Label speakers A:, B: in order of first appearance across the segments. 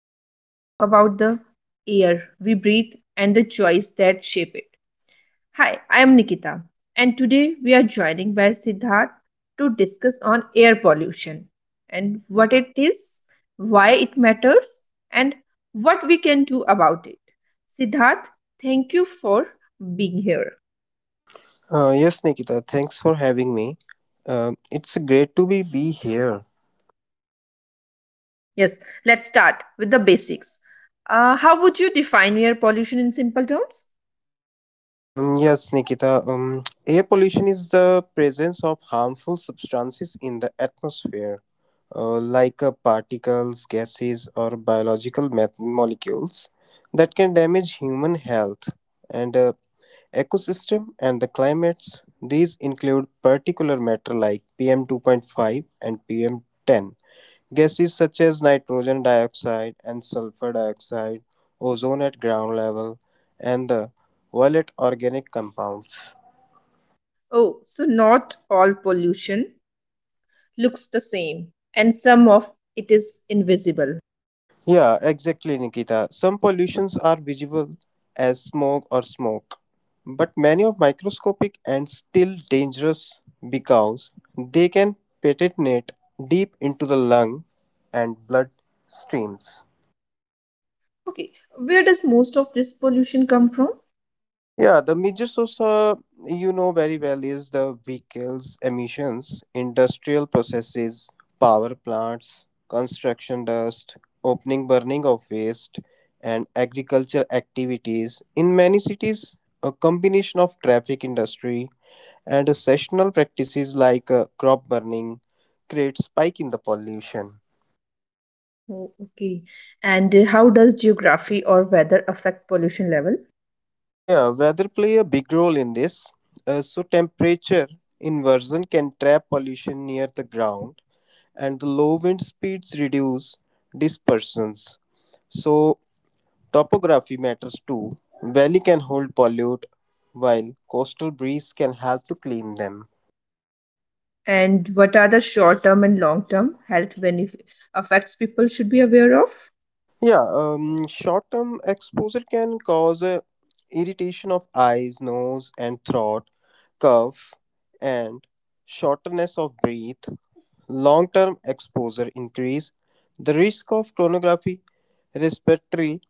A: topic where we talk about the air we breathe and the choice that shape it. Hi, I am Nikita, and today we are joining by Siddharth to discuss on air pollution and what it is, why it matters, and what we can do about it. Siddharth, thank you for being here.
B: Yes, Nikita, thanks for having me. It's great to be here.
A: Yes, let's start with the basics. How would you define air pollution in simple terms?
B: Yes, Nikita, air pollution is the presence of harmful substances in the atmosphere, like particles, gases, or biological molecules that can damage human health and ecosystem and the climates. These include particulate matter like PM2.5 and PM10, gases such as nitrogen dioxide and sulfur dioxide, ozone at ground level, and the violet organic compounds.
A: Oh, so not all pollution looks the same, and some of it is invisible.
B: Yeah, exactly, Nikita. Some pollutions are visible as smog or smoke, but many are microscopic and still dangerous because they can penetrate deep into the lung and blood streams.
A: Okay, where does most of this pollution come from?
B: Yeah, the major source, you know very well, is the vehicles emissions, industrial processes, power plants, construction dust, opening burning of waste, and agriculture activities. In many cities, a combination of traffic industry and sessional practices like crop burning create spike in the pollution.
A: Oh, okay, and how does geography or weather affect pollution level?
B: Yeah, weather play a big role in this. So temperature inversion can trap pollution near the ground and the low wind speeds reduce dispersions. So, topography matters too. Valley can hold pollute, while coastal breeze can help to clean them.
A: And what are the short term and long term health benefit effects people should be aware of?
B: Yeah, short-term exposure can cause irritation of eyes, nose, and throat, cough, and shortness of breath. Long-term exposure increase the risk of chronography, respiratory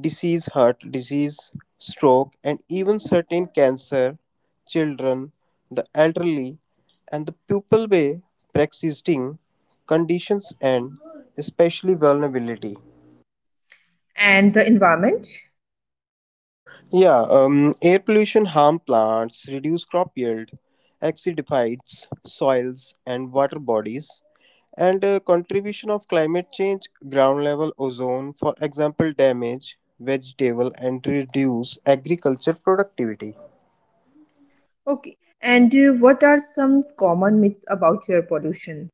B: disease, heart disease, stroke, and even certain cancer, children, the elderly, and the people with pre-existing conditions and especially vulnerability.
A: And the environment?
B: Yeah, air pollution harm plants, reduce crop yield, acidifies soils and water bodies, and contribution of climate change, ground level ozone, for example, damage vegetable and reduce agriculture productivity.
A: Okay, and what are some common myths about air pollution?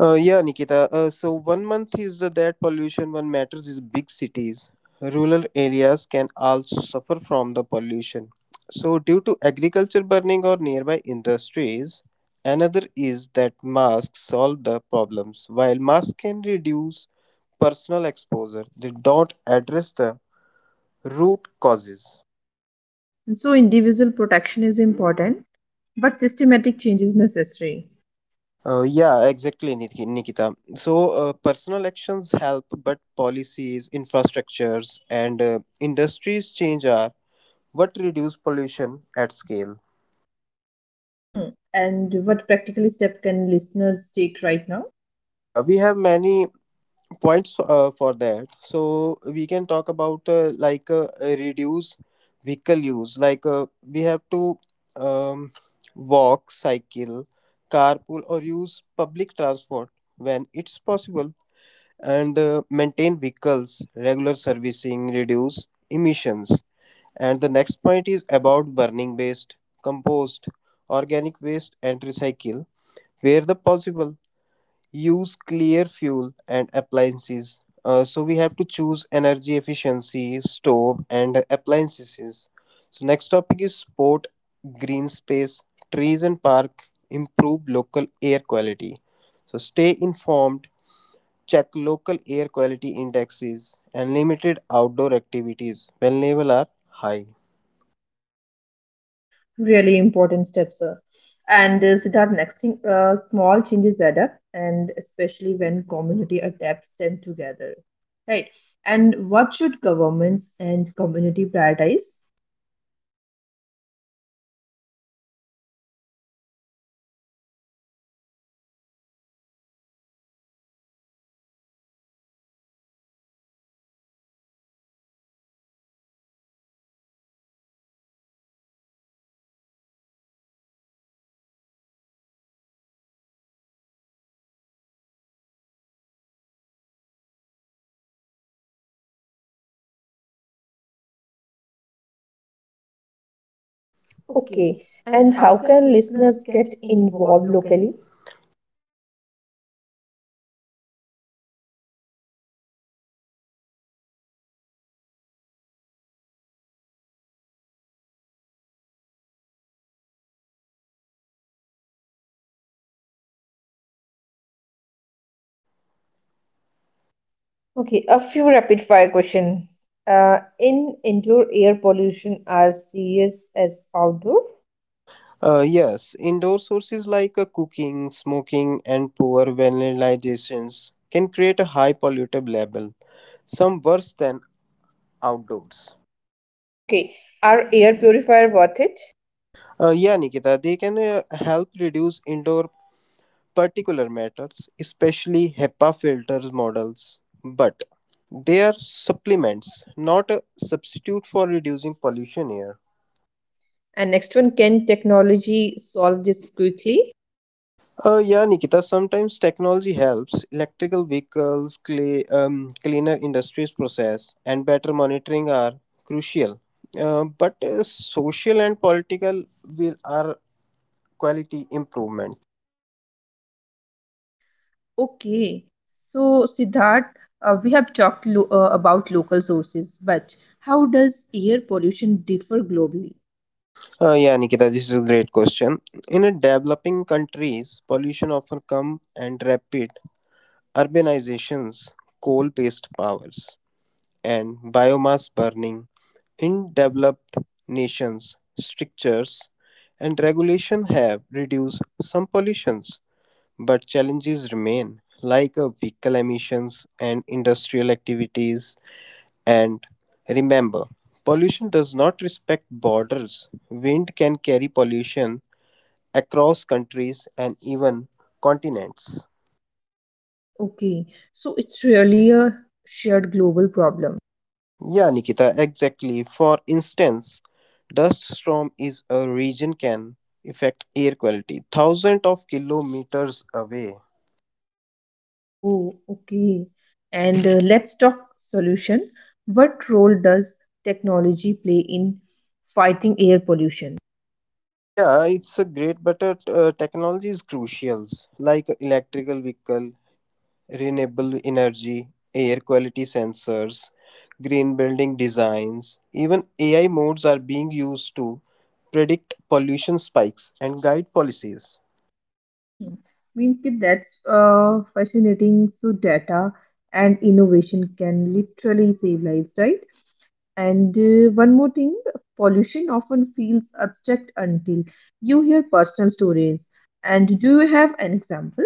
B: Yeah, Nikita. So 1 month is the that pollution. One matters is big cities. Rural areas can also suffer from the pollution. So due to agriculture burning or nearby industries, another is that masks solve the problems. While masks can reduce personal exposure, they don't address the root causes.
A: And so, individual protection is important, but systematic change is necessary.
B: Yeah, exactly, Nikita. So, personal actions help, but policies, infrastructures, and industries change are what reduce pollution at scale.
A: Hmm. And what practical step can listeners take right now?
B: Yeah, we have many points for that. So, we can talk about reduce vehicle use. Like, we have to um, walk, cycle, carpool, or use public transport when it's possible. And maintain vehicles, regular servicing, reduce emissions. And the next point is about burning waste, compost, organic waste, and recycle where the possible. Use clear fuel and appliances. So we have to choose energy efficiency, stove, and appliances. So next topic is sport, green space, trees and park. Improve local air quality. So stay informed. Check local air quality indexes and limited outdoor activities when levels are high.
A: Really important steps, sir. And Siddharth, next thing, small changes add up, and especially when community adapts them together, right? And what should governments and community prioritize?
B: Okay,
A: Okay,
B: and
A: and
B: how
A: how
B: can
A: can
B: listeners
A: listeners
B: get
A: get
B: involved
A: involved
B: locally?
A: locally? Okay, a few rapid fire question. In indoor air pollution are serious as outdoor?
B: Yes, indoor sources like cooking, smoking, and poor vanillizations can create a high pollutant level, some worse than outdoors.
A: Okay, are air purifier worth it?
B: Yeah, Nikita, they can help reduce indoor particular matters, especially HEPA filters models, but they are supplements, not a substitute for reducing pollution here.
A: And next one, can technology solve this quickly?
B: Yeah, Nikita, sometimes technology helps electrical vehicles, cleaner industries process, and better monitoring are crucial. But social and political will are quality improvement.
A: Okay, so Siddharth, we have talked about local sources, but how does air pollution differ globally?
B: Yeah, Nikita, this is a great question. In a developing countries, pollution often come and rapid urbanizations, coal-based powers, and biomass burning in developed nations strictures and regulation have reduced some pollutions, but challenges remain, like vehicle emissions and industrial activities. And remember, pollution does not respect borders. Wind can carry pollution across countries and even continents.
A: Okay, so it's really a shared global problem.
B: Yeah, Nikita, exactly. For instance, dust storm is a region can affect air quality thousands of kilometers away.
A: Oh, okay. And let's talk solution. What role does technology play in fighting air pollution?
B: Yeah, it's a great, but technology is crucial, like electrical vehicle, renewable energy, air quality sensors, green building designs. Even AI modes are being used to predict pollution spikes and guide policies.
A: Means ki that's fascinating. So data and innovation can literally save lives, right? And one more thing, pollution often feels abstract until you hear personal stories. And do you have an example?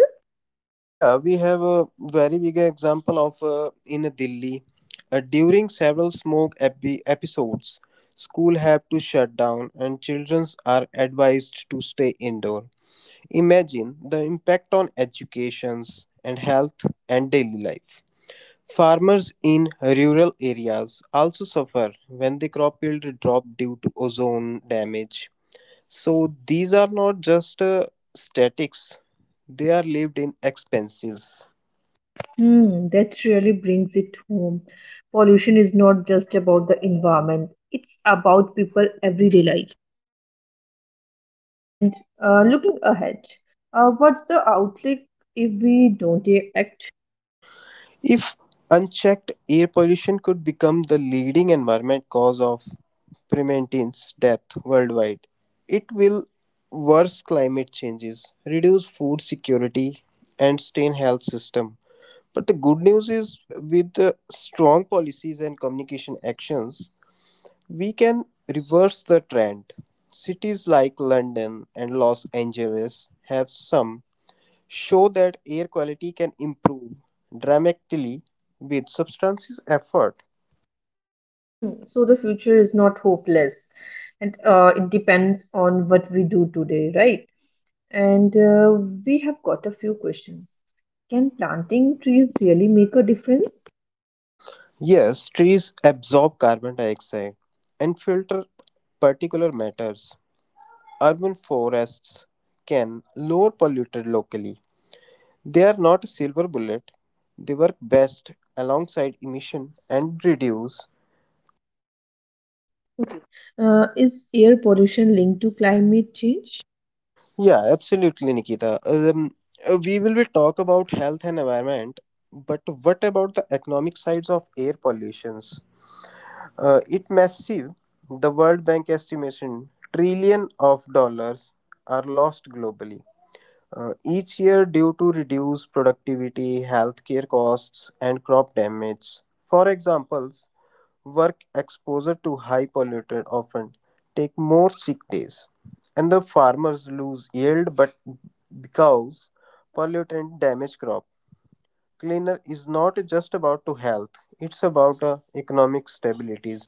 B: Yeah, we have a very big example of in Delhi. During several smoke episodes, school have to shut down and children are advised to stay indoor. Imagine the impact on educations and health and daily life. Farmers in rural areas also suffer when the crop yield drop due to ozone damage. So these are not just statics; they are lived in expenses.
A: Hmm, that really brings it home. Pollution is not just about the environment; it's about people everyday life. And looking ahead, what's the outlook if we don't act?
B: If unchecked, air pollution could become the leading environmental cause of prementine's death worldwide. It will worsen climate changes, reduce food security, and strain health system. But the good news is, with the strong policies and communication actions, we can reverse the trend. Cities like London and Los Angeles have some show that air quality can improve dramatically with substances effort.
A: Hmm. So the future is not hopeless, and it depends on what we do today, right? And we have got a few questions. Can planting trees really make a difference?
B: Yes, trees absorb carbon dioxide and filter particular matters. Urban forests can lower polluted locally. They are not a silver bullet. They work best alongside emission and reduce.
A: Okay. Is air pollution linked to climate change?
B: Yeah, absolutely, Nikita. We will be talk about health and environment, but what about the economic sides of air pollutions? It massive. The World Bank estimation trillion of dollars are lost globally each year due to reduced productivity, healthcare costs, and crop damage. For examples, work exposure to high polluted often take more sick days, and the farmers lose yield. But because pollutant damage crop, cleaner is not just about to health; it's about economic stability.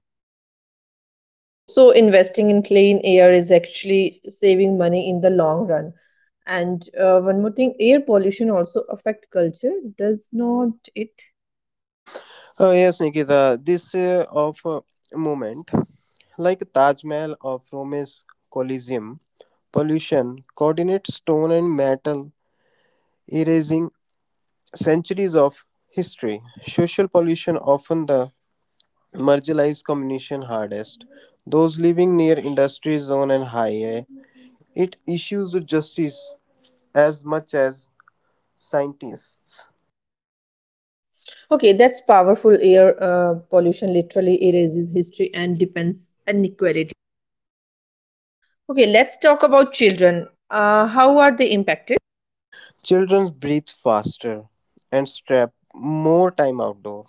A: Oh, so investing in clean air is actually saving money in the long run. And one more thing, air pollution also affect culture, does not it?
B: Oh yes, Nikita. This of moment, like Taj Mahal of Rome's Colosseum, pollution coordinates stone and metal, erasing centuries of history. Social pollution often the marginalized communication hardest. Those living near industry zone and highway, it issues justice as much as scientists.
A: Okay, that's powerful. Air pollution literally erases history and depends inequality. Okay, let's talk about children. How are they impacted?
B: Children breathe faster and strap more time outdoor,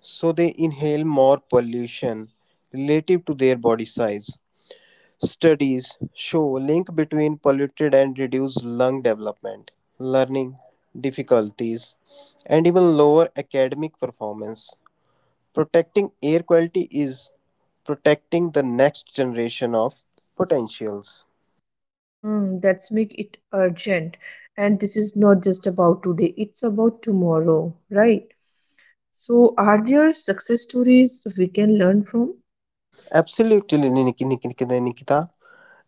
B: so they inhale more pollution relative to their body size. Studies show link between polluted and reduced lung development, learning difficulties, and even lower academic performance. Protecting air quality is protecting the next generation of potentials.
A: Hmm, that's make it urgent. And this is not just about today, it's about tomorrow, right? So, are there success stories we can learn from?
B: Absolutely, Nikita.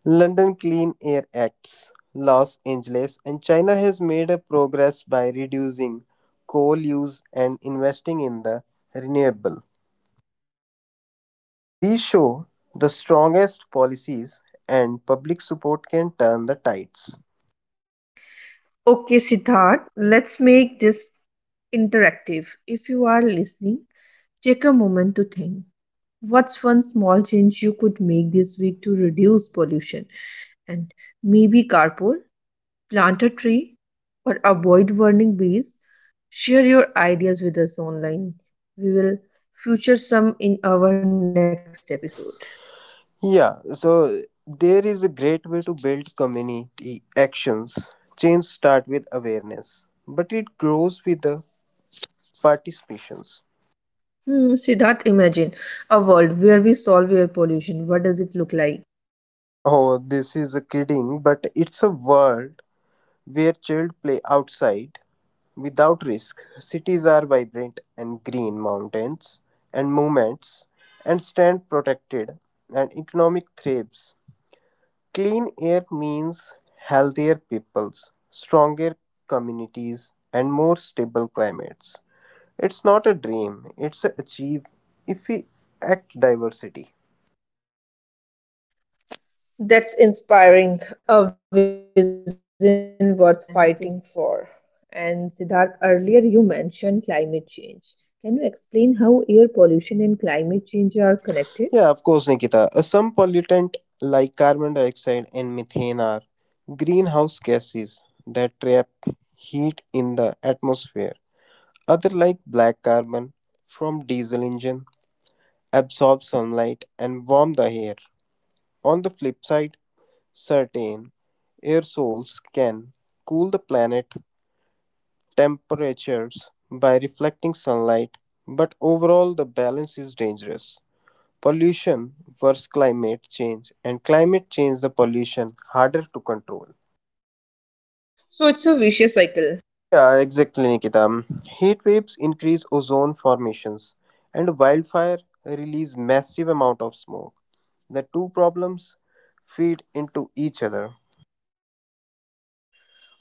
B: London Clean Air Acts, Los Angeles, and China has made a progress by reducing coal use and investing in the renewable. These show the strongest policies and public support can turn the tides.
A: Okay, Siddharth, let's make this interactive. If you are listening, take a moment to think. What's one small change you could make this week to reduce pollution? And maybe carpool, plant a tree, or avoid warning bees. Share your ideas with us online. We will feature some in our next episode.
B: Yeah, so there is a great way to build community actions. Change start with awareness, but it grows with the participations.
A: Hmm, Siddharth, imagine a world where we solve air pollution. What does it look like?
B: Oh, this is a kidding, but it's a word where children play outside without risk, cities are vibrant and green mountains and movements and stand protected and economic thrives. Clean air means healthier peoples, stronger communities, and more stable climates. It's not a dream, it's a achieve if we act diversity.
A: That's inspiring, a vision worth fighting for. And Siddharth, earlier you mentioned climate change. Can you explain how air pollution and climate change are connected?
B: Yeah, of course, Nikita. Some pollutant like carbon dioxide and methane are greenhouse gases that trap heat in the atmosphere. Other like black carbon from diesel engine absorb sunlight and warm the air. On the flip side, certain aerosols can cool the planet temperatures by reflecting sunlight, but overall the balance is dangerous pollution versus climate change and climate change the pollution harder to control.
A: So it's a vicious cycle.
B: Yeah, exactly, Nikita. Heat waves increase ozone formations, and wildfire release massive amount of smoke. The two problems feed into each other.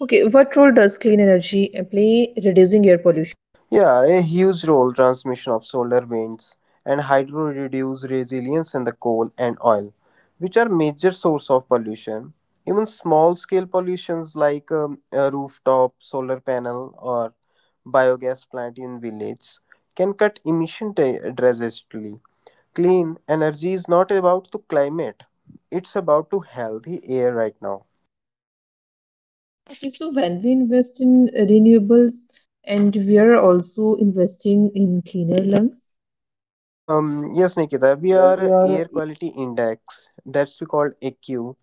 A: Okay, what role does clean energy play in reducing air pollution?
B: Yeah, a huge role transmission of solar winds and hydro reduce resilience in the coal and oil, which are major source of pollution. Even small scale pollutions like a rooftop solar panel or biogas plant in villages can cut emission drastically. Clean energy is not about the climate; it's about to healthy air right now.
A: Okay, so when we invest in renewables and we are also investing in cleaner lungs.
B: Um, yes, Nikita, we are air quality index that's we called AQ,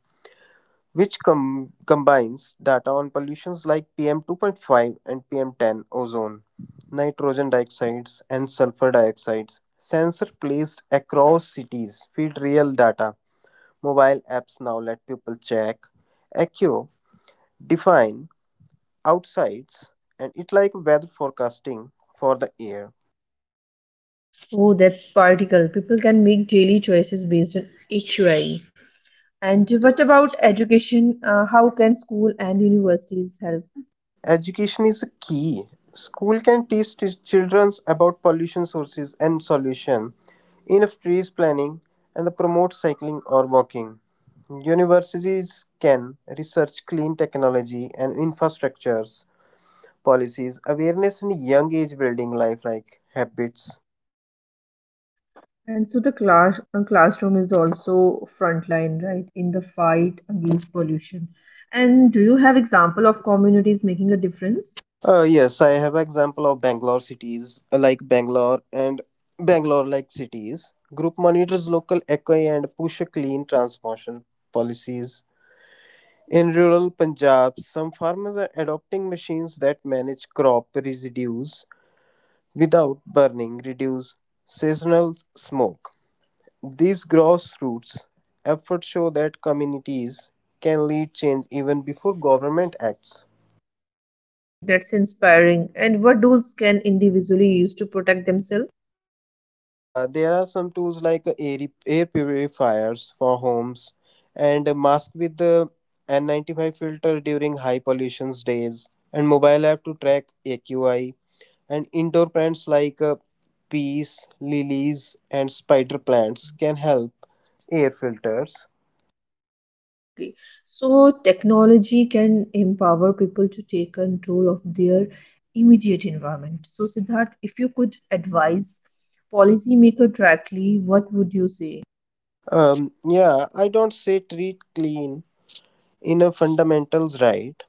B: which combines data on pollutions like PM2.5 and PM10 ozone, nitrogen dioxides, and sulfur dioxides. Sensor placed across cities feed real data. Mobile apps now let people check, echo, define outsides, and it like weather forecasting for the air.
A: Oh, that's particle. People can make daily choices based on AQI. And what about education? How can school and universities help?
B: Education is a key. School can teach children about pollution sources and solution, enough trees planning, and promote cycling or walking. Universities can research clean technology and infrastructures, policies, awareness, and young age building lifelike habits.
A: And so the classroom is also frontline, right, in the fight against pollution. And do you have example of communities making a difference?
B: Yes, I have example of Bangalore cities like Bangalore and Bangalore like cities. Group monitors local eco and push a clean transportation policies. In rural Punjab, some farmers are adopting machines that manage crop residues without burning, reduce seasonal smoke. These grassroots efforts show that communities can lead change even before government acts.
A: Hmm, that's inspiring. And what tools can individually use to protect themselves?
B: Yeah, there are some tools like air purifiers for homes and a mask with the N95 filter during high pollution days and mobile app to track AQI. And indoor plants like peas, lilies, and spider plants can help air filters.
A: Okay, so technology can empower people to take control of their immediate environment. So, Siddharth, if you could advise policymaker directly, what would you say?
B: Yeah, I don't say treat clean in a fundamentals right.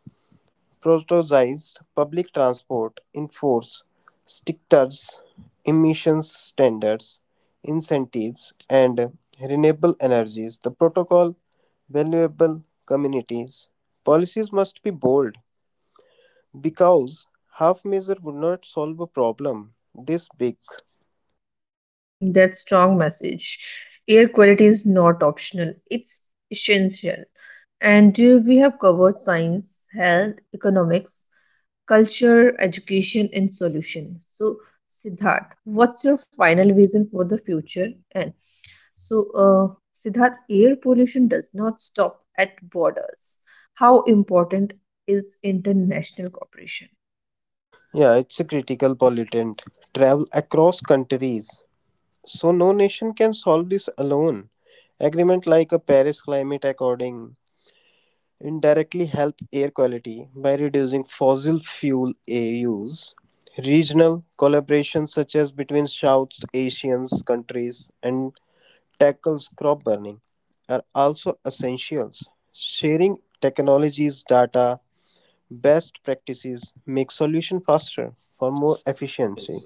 B: Prioritized public transport, enforce stricters, emissions standards, incentives, and renewable energies. The protocol, valuable communities. Policies must be bold because half measure would not solve a problem this big.
A: Hmm, that's strong message. Air quality is not optional; it's essential. And we have covered science, health, economics, culture, education, and solution. So, Siddharth, what's your final vision for the future? And so, Siddharth, air pollution does not stop at borders. How important is international cooperation?
B: Yeah, it's a critical pollutant. Travel across countries. So no nation can solve this alone. Agreement like a Paris Climate According indirectly help air quality by reducing fossil fuel air use. Regional collaboration such as between South Asians countries and tackles crop burning are also essentials. Sharing technologies, data, best practices make solution faster for more efficiency.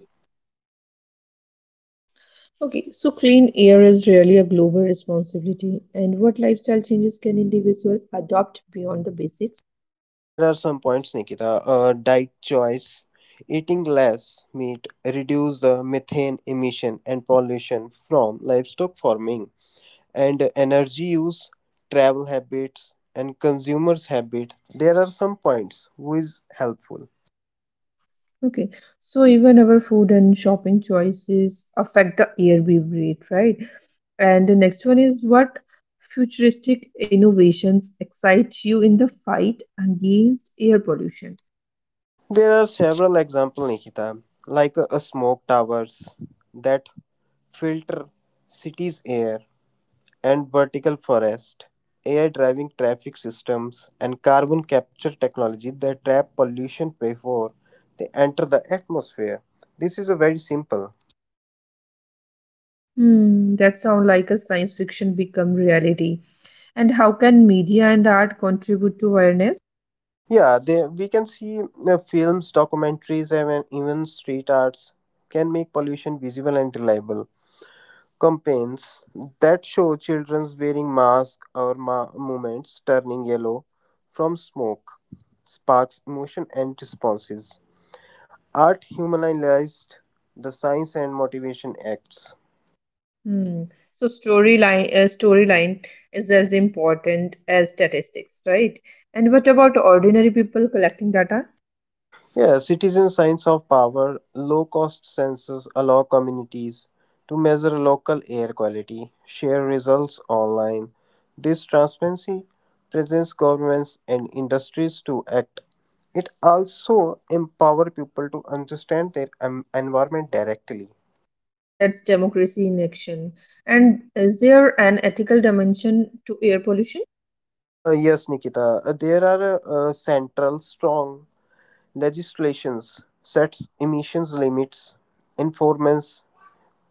A: Okay, so clean air is really a global responsibility, and what lifestyle changes can individual adopt beyond the basics?
B: There are some points, Nikita. Diet choice, eating less meat, reduce the methane emission and pollution from livestock farming, and energy use, travel habits, and consumers' habit. There are some points which is helpful.
A: Okay, so even our food and shopping choices affect the air we breathe, right? And the next one is what futuristic innovations excite you in the fight against air pollution?
B: There are several examples, Nikita, like smoke towers that filter cities' air and vertical forest, AI driving traffic systems, and carbon capture technology that trap pollution before they enter the atmosphere. This is a very simple.
A: Hmm, that sounds like a science fiction become reality. And how can media and art contribute to awareness?
B: Yeah, we can see films, documentaries, and even street arts can make pollution visible and reliable. Campaigns that show children wearing masks or movements turning yellow from smoke sparks emotion and responses. Art humanized the science and motivation acts.
A: Hmm. So storyline, storyline is as important as statistics, right? And what about ordinary people collecting data?
B: Yeah, citizen science of power, low cost sensors allow communities to measure local air quality, share results online. This transparency presents governments and industries to act. It also empower people to understand their environment directly.
A: Hmm, that's democracy in action. And is there an ethical dimension to air pollution?
B: Yes, Nikita, there are central strong legislations sets emissions limits, enforcement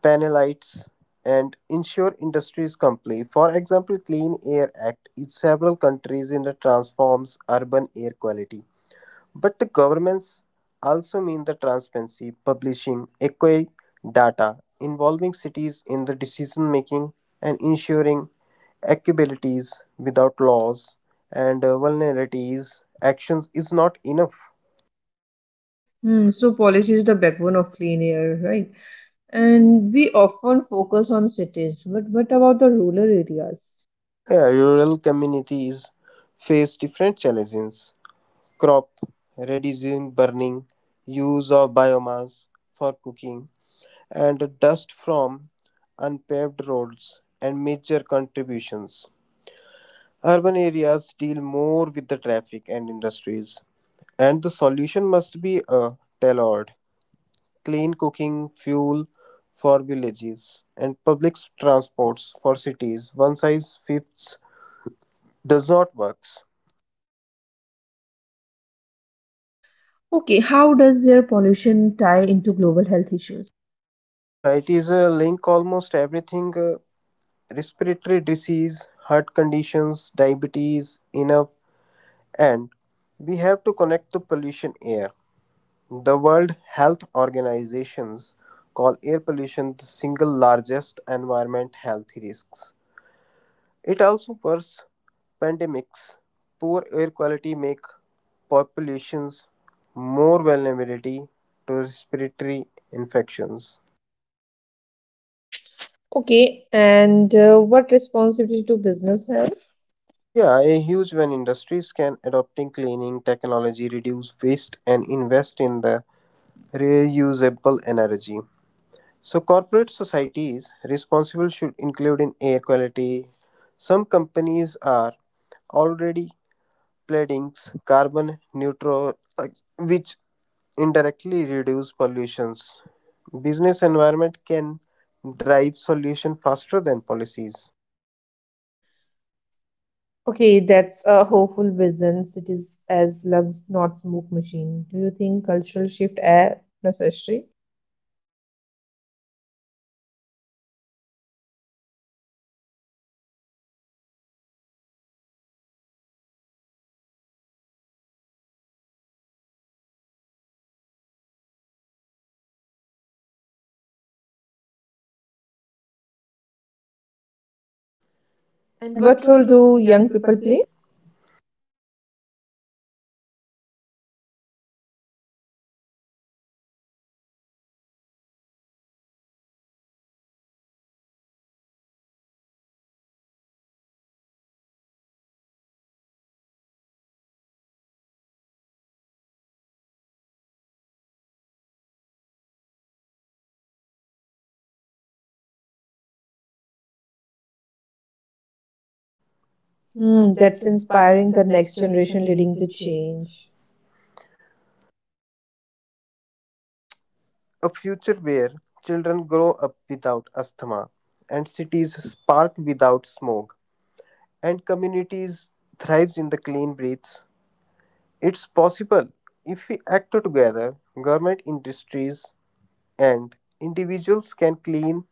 B: panelites, and ensure industries comply. For example, Clean Air Act in several countries in the transforms urban air quality. But the governments also mean the transparency, publishing equi data, involving cities in the decision making and ensuring equabilities without laws and vulnerabilities actions is not enough.
A: Hmm, so policy is the backbone of clean air, right? And we often focus on cities, but what about the rural areas?
B: Yeah, rural communities face different challenges crop, reducing burning, use of biomass for cooking, and dust from unpaved roads and major contributions. Urban areas deal more with the traffic and industries, and the solution must be a tailored, clean cooking fuel for villages and public transports for cities. One size fits does not work.
A: Okay, how does air pollution tie into global health issues?
B: Yeah, it is a link almost everything respiratory disease, heart conditions, diabetes, enough, and we have to connect to pollution air. The World Health Organizations call air pollution the single largest environment health risks. It also worse pandemics. Poor air quality make populations more vulnerability to respiratory infections.
A: Okay, and what responsibility do business have?
B: Yeah, a huge when industries can adopting cleaning technology, reduce waste and invest in the reusable energy. So corporate societies responsible should include in air quality. Some companies are already pledging carbon neutral which indirectly reduce pollutions. Business environment can drive solution faster than policies.
A: Okay, that's a hopeful business. It is as lungs, not smoke machine. Do you think cultural shift are necessary?
B: And
A: And
B: what
A: what
B: role
A: role
B: do
A: do
B: young
A: young
B: people
A: people
B: play?
A: play?
B: Hmm,
A: Hmm,
B: that's
A: that's
B: inspiring
A: inspiring
B: the
A: the
B: next
A: next generation
B: generation leading
A: leading
B: to
A: the
B: change.
A: change.
B: A future where children grow up without asthma, and cities spark without smoke, and communities thrives in the clean breaths. It's possible if we act together. Government, industries, and individuals can clean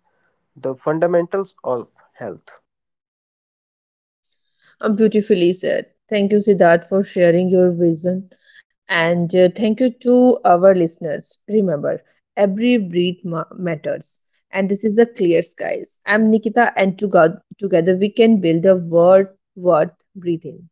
B: the fundamentals of health.
A: Beautifully said. Thank you, Siddharth, for sharing your vision. And thank you to our listeners. Remember, every breath matters. And this is a clear skies. I'm Nikita, and together we can build a world worth breathing.